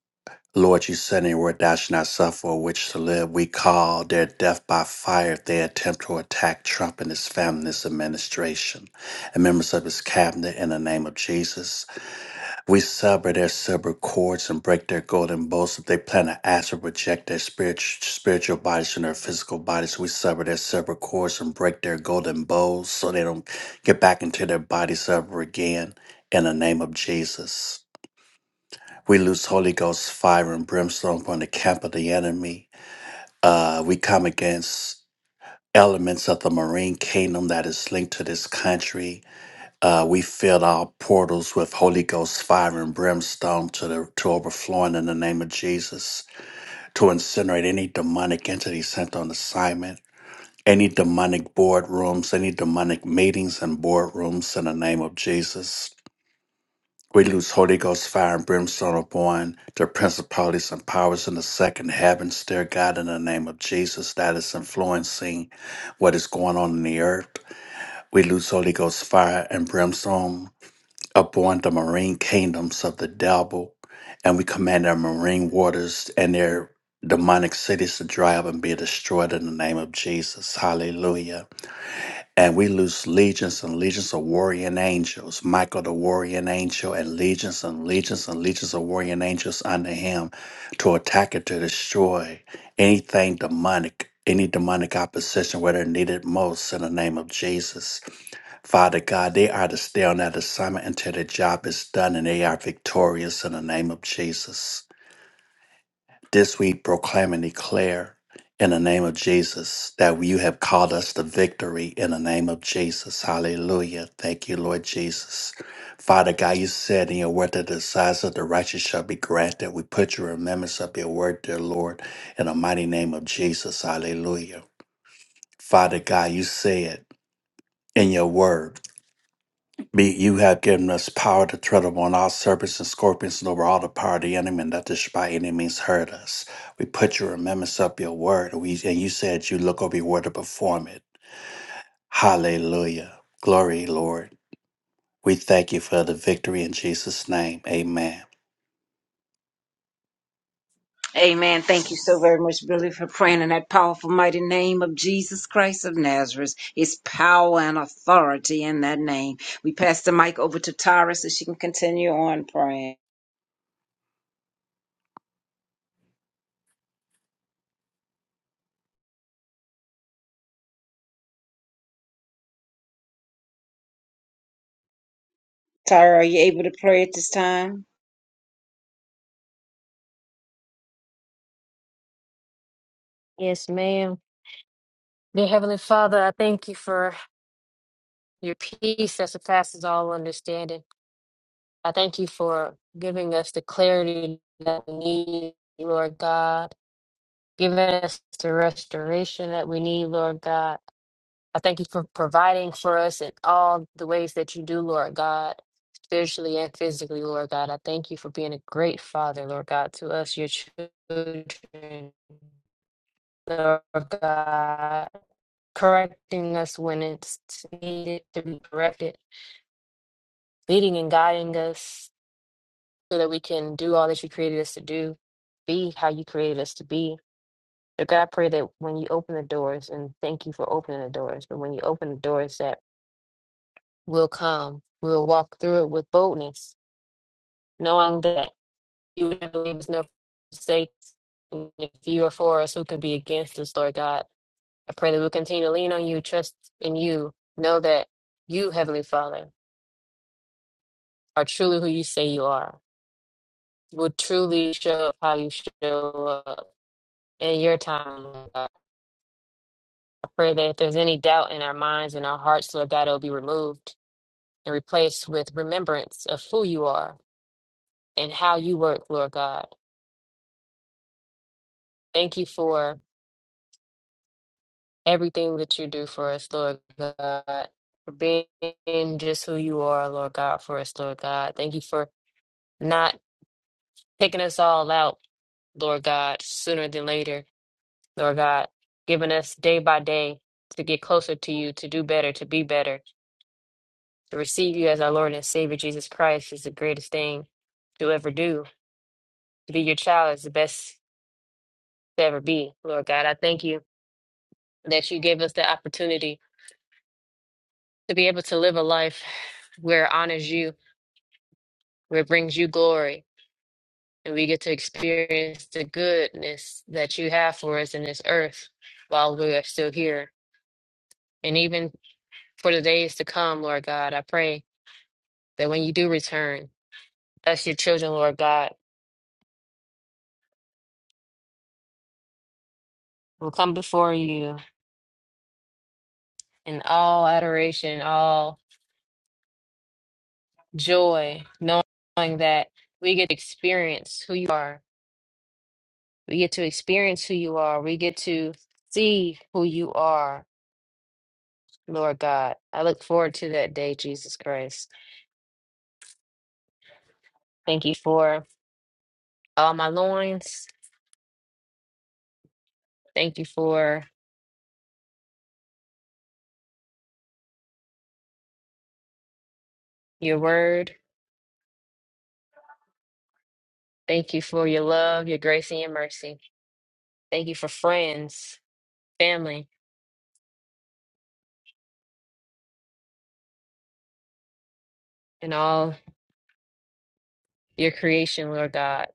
Speaker 5: Lord, you said in your word, thou shalt not suffer a witch to live. We call their death by fire if they attempt to attack Trump and his family, and his administration, and members of his cabinet in the name of Jesus. We sever their silver cords and break their golden bows. If they plan to ask or reject their spirit, spiritual bodies from their physical bodies, we sever their silver cords and break their golden bows, so they don't get back into their bodies ever again. In the name of Jesus. We loose Holy Ghost fire and brimstone from the camp of the enemy. Uh, we come against elements of the marine kingdom that is linked to this country uh, we fill our portals with Holy Ghost fire and brimstone to the to overflowing in the name of Jesus to incinerate any demonic entity sent on assignment, any demonic boardrooms, any demonic meetings and boardrooms in the name of Jesus. We lose Holy Ghost fire and brimstone upon the principalities and powers in the second heavens, dear God, in the name of Jesus, that is influencing what is going on in the earth. We lose Holy Ghost fire and brimstone upon the marine kingdoms of the devil, and we command our marine waters and their demonic cities to dry up and be destroyed in the name of Jesus. Hallelujah. And we loose legions and legions of warrior angels, Michael the warrior angel, and legions and legions and legions of warrior angels under him to attack and to destroy anything demonic, any demonic opposition where they're needed most in the name of Jesus. Father God, they are to stay on that assignment until the job is done and they are victorious in the name of Jesus. This we proclaim and declare in the name of Jesus that you have called us to victory in the name of Jesus. Hallelujah. Thank you, Lord Jesus. Father God, you said in your word that the desires of the righteous shall be granted. We put your remembrance of your word, dear Lord, in the mighty name of Jesus. Hallelujah. Father God, you said in your word. Be you have given us power to tread upon all serpents and scorpions and over all the power of the enemy, and that this should by any means hurt us. We put your remembrance up your word, and we, and you said you look over your word to perform it. Hallelujah. Glory, Lord. We thank you for the victory in Jesus' name. Amen.
Speaker 1: Amen. Thank you so very much, Billy, for praying in that powerful, mighty name of Jesus Christ of Nazareth. His power and authority in that name. We pass the mic over to Tyra so she can continue on praying. Tyra, are you able to pray at this time?
Speaker 6: Yes, ma'am. Dear Heavenly Father, I thank you for your peace that surpasses all understanding. I thank you for giving us the clarity that we need, Lord God, giving us the restoration that we need, Lord God. I thank you for providing for us in all the ways that you do, Lord God, spiritually and physically, Lord God. I thank you for being a great Father, Lord God, to us, your children, Lord God. correcting us when it's needed to be corrected, leading and guiding us so that we can do all that you created us to do, be how you created us to be. So God, I pray that when you open the doors, and thank you for opening the doors, but when you open the doors that will come, we'll walk through it with boldness, knowing that you would never leave us no mistakes. And If you are for us, who can be against us, Lord God? I pray that we'll continue to lean on you, trust in you, know that you, Heavenly Father, are truly who you say you are, will truly show up how you show up in your time. Lord God. I pray that if there's any doubt in our minds and our hearts, Lord God, it'll be removed and replaced with remembrance of who you are and how you work, Lord God. Thank you for everything that you do for us, Lord God, for being just who you are, Lord God, for us, Lord God. Thank you for not picking us all out, Lord God, sooner than later Lord God, giving us day by day to get closer to you, to do better, to be better, to receive you as our Lord and Savior. Jesus Christ is the greatest thing to ever do. To be your child is the best to ever be. Lord God, I thank you that you gave us the opportunity to be able to live a life where it honors you, where it brings you glory, and we get to experience the goodness that you have for us in this earth while we are still here. And even for the days to come, Lord God, I pray that when you do return, us, your children, Lord God, will come before you in all adoration, all joy, knowing that we get to experience who you are. We get to experience who you are. We get to see who you are, Lord God. I look forward to that day, Jesus Christ. Thank you for all my loins. Thank you for your word. Thank you for your love, your grace, and your mercy. Thank you for friends, family, and all your creation, Lord God,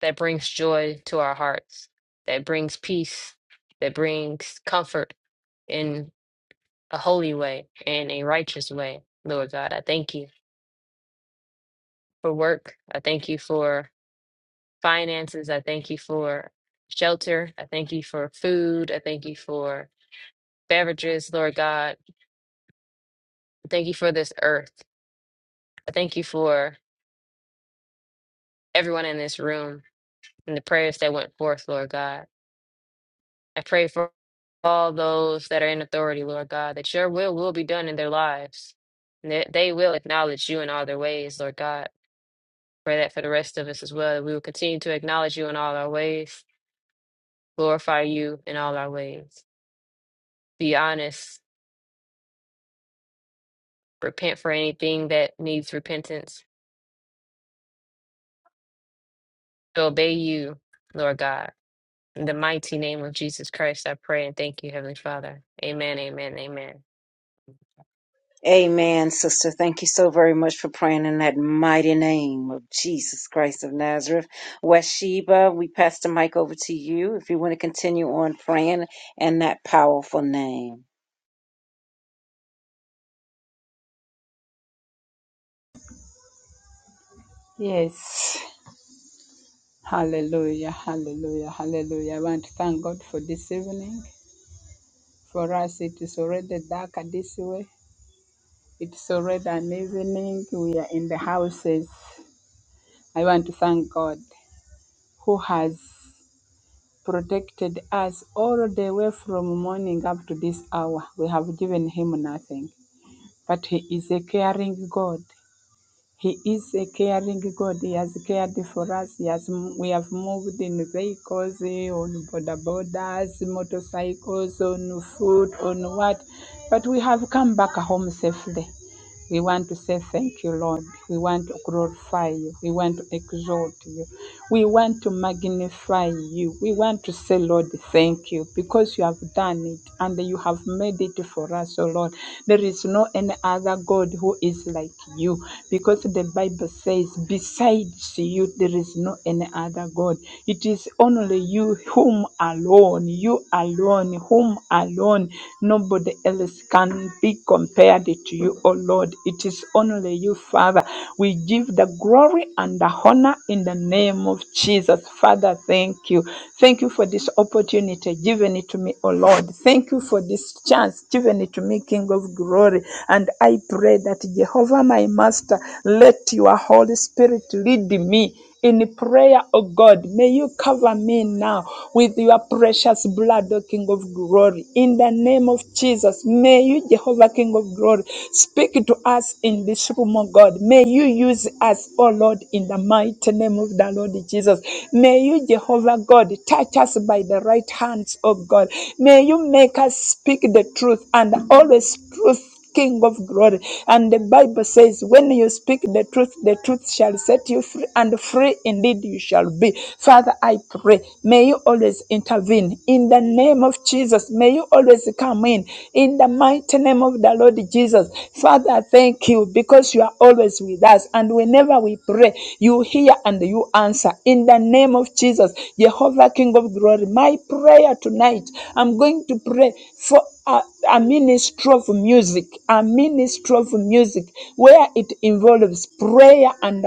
Speaker 6: that brings joy to our hearts, that brings peace, that brings comfort in a holy way, in a righteous way, Lord God. I thank you for work. I thank you for finances. I thank you for shelter. I thank you for food. I thank you for beverages, Lord God. I thank you for this earth. I thank you for everyone in this room and the prayers that went forth, Lord God. I pray for all those that are in authority, Lord God, that your will will be done in their lives. and That they will acknowledge you in all their ways, Lord God. Pray that for the rest of us as well. that We will continue to acknowledge you in all our ways, glorify you in all our ways. Be honest, repent for anything that needs repentance, to obey you, Lord God. In the mighty name of Jesus Christ, I pray and thank you, Heavenly Father. Amen, amen, amen.
Speaker 1: Amen, sister. Thank you so very much for praying in that mighty name of Jesus Christ of Nazareth. Wesheba, we pass the mic over to you if you want to continue on praying in that powerful name.
Speaker 7: Yes. Hallelujah. Hallelujah. Hallelujah. I want to thank God for this evening. For us, it is already dark this way. It's already an evening. We are in the houses. I want to thank God who has protected us all the way from morning up to this hour. We have given him nothing. But he is a caring God. He is a caring God. He has cared for us. He has, we have moved in vehicles, eh, on border borders, motorcycles, on foot, on what. But we have come back home safely. We want to say thank you, Lord. We want to glorify you. We want to exalt you. We want to magnify you. We want to say, Lord, thank you because you have done it and you have made it for us, O Lord. There is no any other God who is like you because the Bible says, besides you, there is no any other God. It is only you whom alone, you alone, whom alone, nobody else can be compared to you, O Lord. It is only you, Father. We give the glory and the honor in the name of Jesus. Father, thank you. Thank you for this opportunity given it to me, O Lord. Thank you for this chance given it to me, King of glory. And I pray that Jehovah, my Master, let your Holy Spirit lead me in prayer, oh God. May you cover me now with your precious blood, O King of glory. In the name of Jesus, may you, Jehovah, King of glory, speak to us in this room, oh God. May you use us, O Lord, in the mighty name of the Lord Jesus. May you, Jehovah God, touch us by the right hands, O God. May you make us speak the truth and always truth King of glory. And the Bible says, when you speak the truth, the truth shall set you free, and free indeed you shall be. Father, I pray, may you always intervene. In the name of Jesus, may you always come in. In the mighty name of the Lord Jesus. Father, thank you because you are always with us. And whenever we pray, you hear and you answer. In the name of Jesus, Jehovah, King of glory, my prayer tonight, I'm going to pray for a, a ministry of music, a ministry of music, where it involves prayer and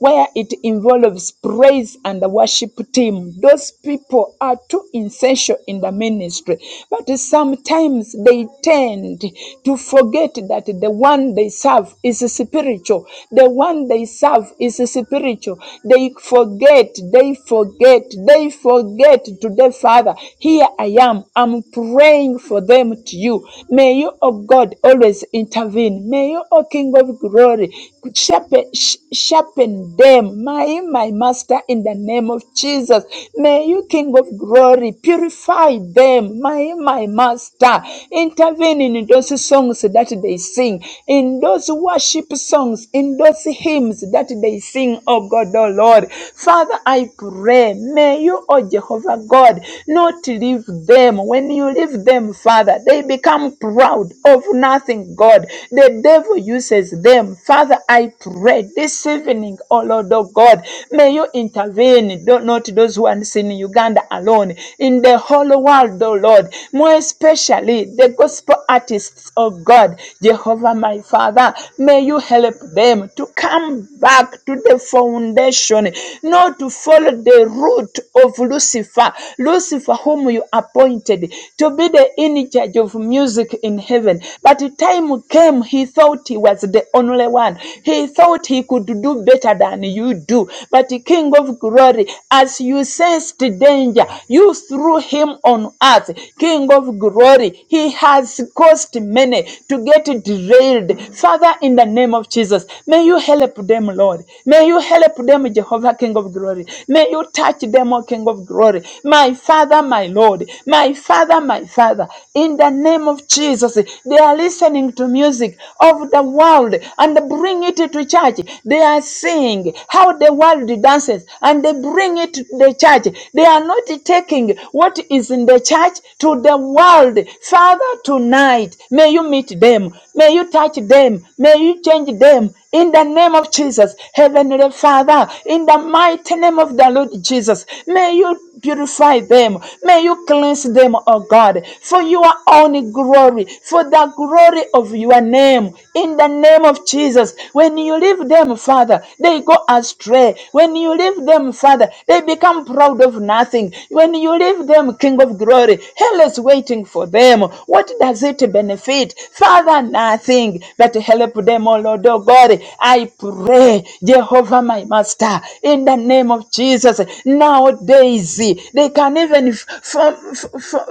Speaker 7: where it involves praise and the worship team. Those people are too essential in the ministry, but sometimes they tend to forget that the one they serve is spiritual. The one they serve is spiritual. They forget, they forget, they forget to their Father. Here I am. I'm praying for them to you. May you, O God, always intervene. May you, O King of glory, glory. Sharpen, sh- sharpen them, my, my master, in the name of Jesus. May you, King of glory, purify them, my, my master. Intervene in those songs that they sing, in those worship songs, in those hymns that they sing, oh God, oh Lord. Father, I pray, may you, oh Jehovah God, not leave them. When you leave them, Father, they become proud of nothing God. The devil uses them. Father, I pray this evening, oh Lord oh God, may you intervene, Don't not those who are in Uganda alone, in the whole world, oh Lord, more especially the gospel artists, oh God, Jehovah my Father, may you help them to come back to the foundation, not to follow the route of Lucifer, Lucifer whom you appointed to be the in charge message of music in heaven. But the time came, he thought he was the only one. He thought he could do better than you do. But the King of glory, as you sensed danger, you threw him on earth. King of glory, he has caused many to get derailed. Father, in the name of Jesus, may you help them, Lord. May you help them, Jehovah, King of glory. May you touch them, O King of glory. My Father, my Lord. God. My Father, my Father, in the name of Jesus, they are listening to music of the world and bring it to church. They are seeing how the world dances and they bring it to the church. They are not taking what is in the church to the world. Father, tonight, may you meet them. May you touch them. May you change them in the name of Jesus, Heavenly Father, in the mighty name of the Lord Jesus, may you purify them. May you cleanse them, oh God, for your own glory, for the glory of your name. In the name of Jesus, when you leave them, Father, they go astray. When you leave them, Father, they become proud of nothing. When you leave them, King of glory, hell is waiting for them. What does it benefit? Father, nothing. But help them, oh Lord, oh God. I pray, Jehovah, my Master, in the name of Jesus. Nowadays, they can even f- form,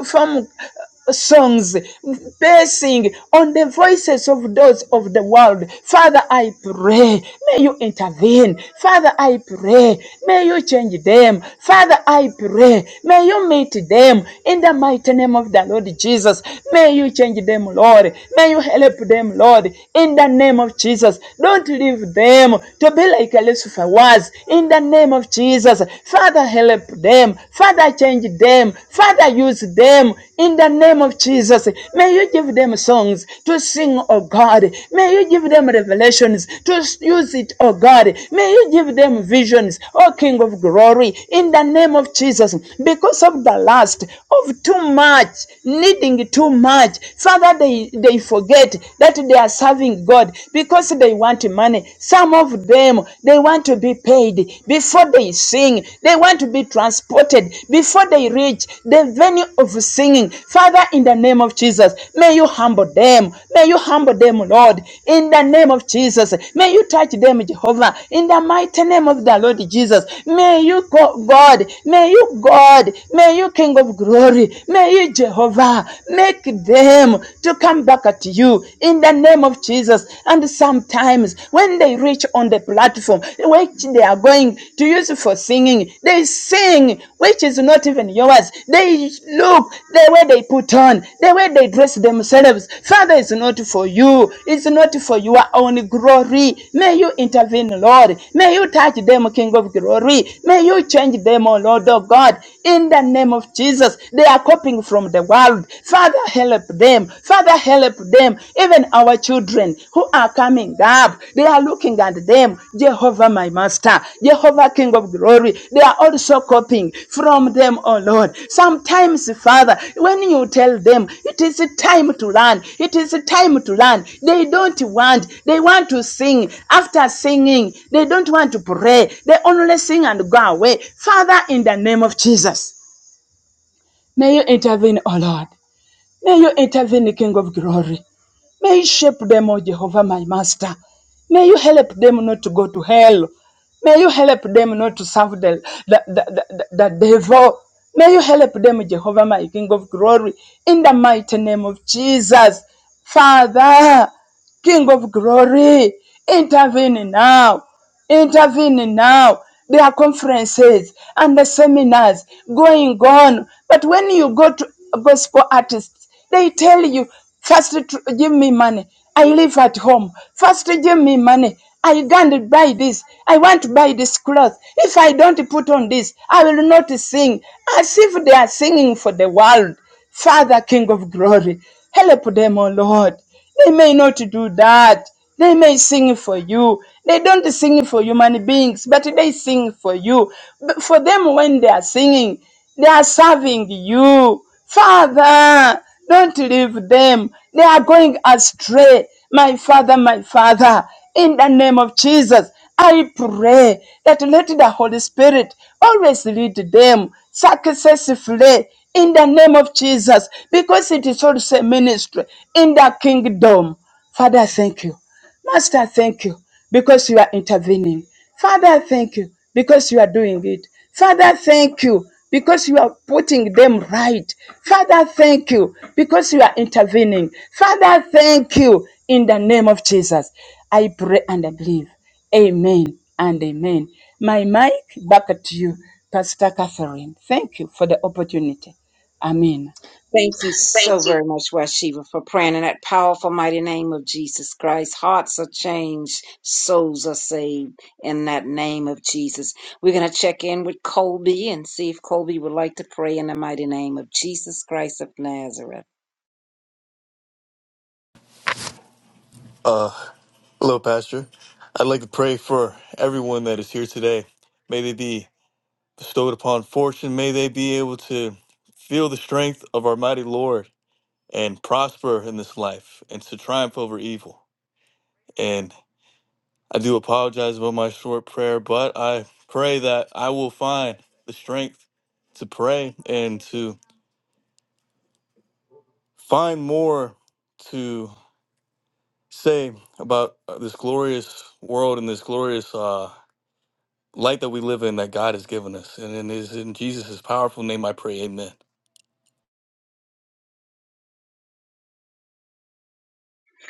Speaker 7: form songs basing on the voices of those of the world. Father, I pray, may you intervene. Father, I pray, may you change them. Father, I pray, may you meet them in the mighty name of the Lord Jesus. May you change them, Lord. May you help them, Lord, in the name of Jesus. Don't leave them to be like Lucifer was, in the name of Jesus. Father, help them. Father, change them. Father, use them, in the name of Jesus. May you give them songs to sing, oh God. May you give them revelations to use it, oh God. May you give them visions, oh King of glory, in the name of Jesus. Because of the lust, of too much, needing too much. Father, they, they forget that they are serving God because they want money. Some of them, they want to be paid before they sing. They want to be transported before they reach the venue of singing. Father, in the name of Jesus, may you humble them. May you humble them, Lord. In the name of Jesus, may you touch them, Jehovah. In the mighty name of the Lord Jesus, may you, go- God, may you, God, may you, King of glory, may you, Jehovah are. Make them to come back at you in the name of Jesus. And sometimes when they reach on the platform, which they are going to use for singing, they sing, which is not even yours. They look the way they put on, the way they dress themselves. Father, it's not for you, it's not for your own glory. May you intervene, Lord. May you touch them, King of glory. May you change them, O Lord, oh God. In the name of Jesus, they are copying from the world. Father, help them. Father, help them. Even our children who are coming up, they are looking at them. Jehovah, my master, Jehovah, King of glory. They are also copying from the them, oh Lord. Sometimes, Father, when you tell them it is a time to learn, it is a time to learn, they don't want, they want to sing. After singing, they don't want to pray, they only sing and go away. Father, in the name of Jesus, may you intervene, oh Lord. May you intervene, King of glory. May you shape them, O Jehovah, my master. May you help them not to go to hell. May you help them not to serve the, the, the, the, the devil. May you help them, Jehovah, my King of glory, in the mighty name of Jesus. Father, King of glory, intervene now. Intervening now. There are conferences and the seminars going on. But when you go to gospel artists, they tell you, first tr- give me money. I live at home. First give me money. I can't buy this. I want to buy this cloth. If I don't put on this, I will not sing. As if they are singing for the world. Father, King of glory, help them, O Lord. They may not do that. They may sing for you. They don't sing for human beings, but they sing for you. But for them, when they are singing, they are serving you. Father, don't leave them. They are going astray. My father, my father, in the name of Jesus. I pray that let the Holy Spirit always lead them successfully in the name of Jesus because it is also a ministry in the kingdom. Father, thank you. Master, thank you because you are intervening. Father, thank you because you are doing it. Father, thank you because you are putting them right. Father, thank you because you are intervening. Father, thank you in the name of Jesus. I pray and I believe. Amen and amen. My mic back at you, Pastor Catherine. Thank you for the opportunity. Amen.
Speaker 1: Thank you
Speaker 7: Thank
Speaker 1: so
Speaker 7: you.
Speaker 1: very much, Washiva, for praying in that powerful, mighty name of Jesus Christ. Hearts are changed, souls are saved in that name of Jesus. We're going to check in with Colby and see if Colby would like to pray in the mighty name of Jesus Christ of Nazareth.
Speaker 8: Uh, hello, Pastor. I'd like to pray for everyone that is here today. May they be bestowed upon fortune. May they be able to feel the strength of our mighty Lord and prosper in this life and to triumph over evil. And I do apologize about my short prayer, but I pray that I will find the strength to pray and to find more to say about this glorious world and this glorious uh, light that we live in that God has given us. And it is in Jesus' powerful name I pray, amen.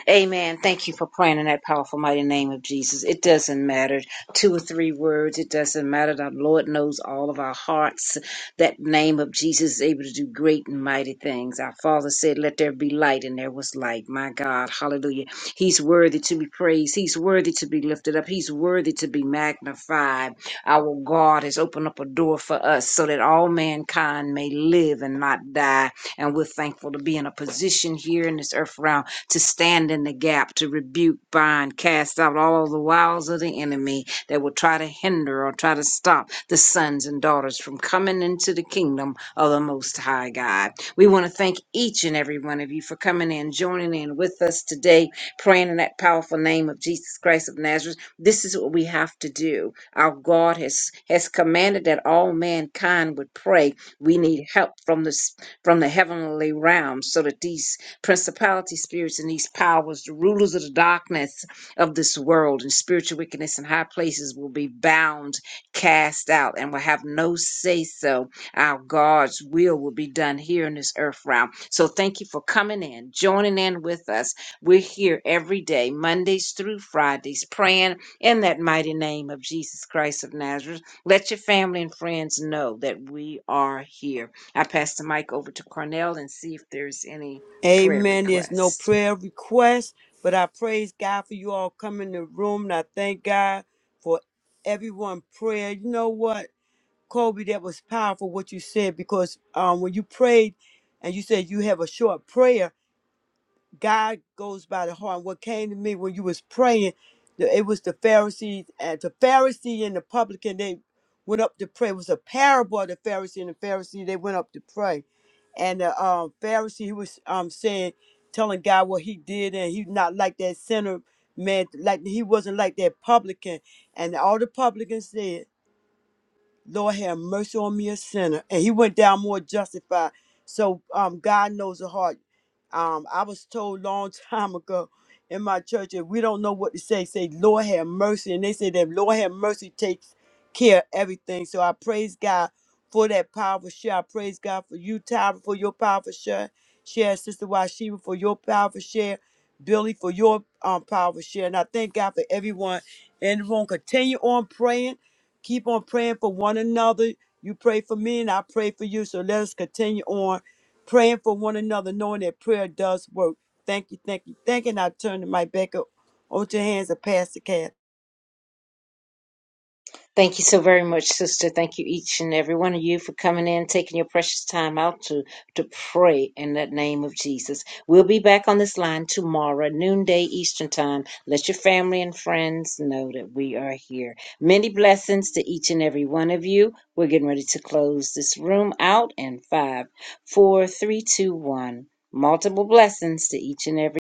Speaker 1: Amen. Thank you for praying in that powerful, mighty name of Jesus. It doesn't matter two or three words. It doesn't matter. The Lord knows all of our hearts. That name of Jesus is able to do great and mighty things. Our Father said, "Let there be light," and there was light. My God, Hallelujah. He's worthy to be praised. He's worthy to be lifted up. He's worthy to be magnified. Our God has opened up a door for us so that all mankind may live and not die. And we're thankful to be in a position here in this earth realm to stand in the gap, to rebuke, bind, cast out all the wiles of the enemy that will try to hinder or try to stop the sons and daughters from coming into the kingdom of the Most High God. We want to thank each and every one of you for coming in, joining in with us today, praying in that powerful name of Jesus Christ of Nazareth. This is what we have to do. Our God has has commanded that all mankind would pray. We need help from the s- from the heavenly realm so that these principalities, spirits, and these powers, the rulers of the darkness of this world, and spiritual wickedness in high places will be bound, cast out, and will have no say so. Our God's will will be done here in this earth realm. So thank you for coming in, joining in with us. We're here every day, Mondays through Fridays, praying in that mighty name of Jesus Christ of Nazareth. Let your family and friends know that we are here. I pass the mic over to Cornell and see if there's any prayer
Speaker 2: Amen. There's no
Speaker 1: request.
Speaker 2: prayer request, but I praise God for you all coming in the room. And I thank God for everyone prayer. You know what? Kobe, that was powerful what you said because um, when you prayed and you said you have a short prayer, God goes by the heart. What came to me when you was praying, the- it was the Pharisees and the Pharisee and the publican. They went up to pray. It was a parable of the Pharisee and the Pharisee. They went up to pray, and the um, Pharisee he was um, saying, telling God what he did, and he not like that sinner man, like he wasn't like that publican. And all the publicans said. Lord have mercy on me, a sinner. And he went down more justified. So um, God knows the heart. Um, I was told long [LAUGHS] time ago in my church, if we don't know what to say, say, Lord have mercy. And they say that Lord have mercy takes care of everything. So I praise God for that powerful share. I praise God for you, Tyra, for your powerful share. Share, Sister Washiba, for your powerful share. Billy, for your um, powerful share. And I thank God for everyone in the room. Continue on praying. Keep on praying for one another. You pray for me and I pray for you. So let us continue on praying for one another, knowing that prayer does work. Thank you, thank you, thank you. And I turn the mic back up onto your hands of Pastor Cass.
Speaker 1: Thank you so very much, sister. Thank you, each and every one of you, for coming in, taking your precious time out to, to pray in the name of Jesus. We'll be back on this line tomorrow, noonday Eastern Time. Let your family and friends know that we are here. Many blessings to each and every one of you. We're getting ready to close this room out in five, four, three, two, one. Multiple blessings to each and every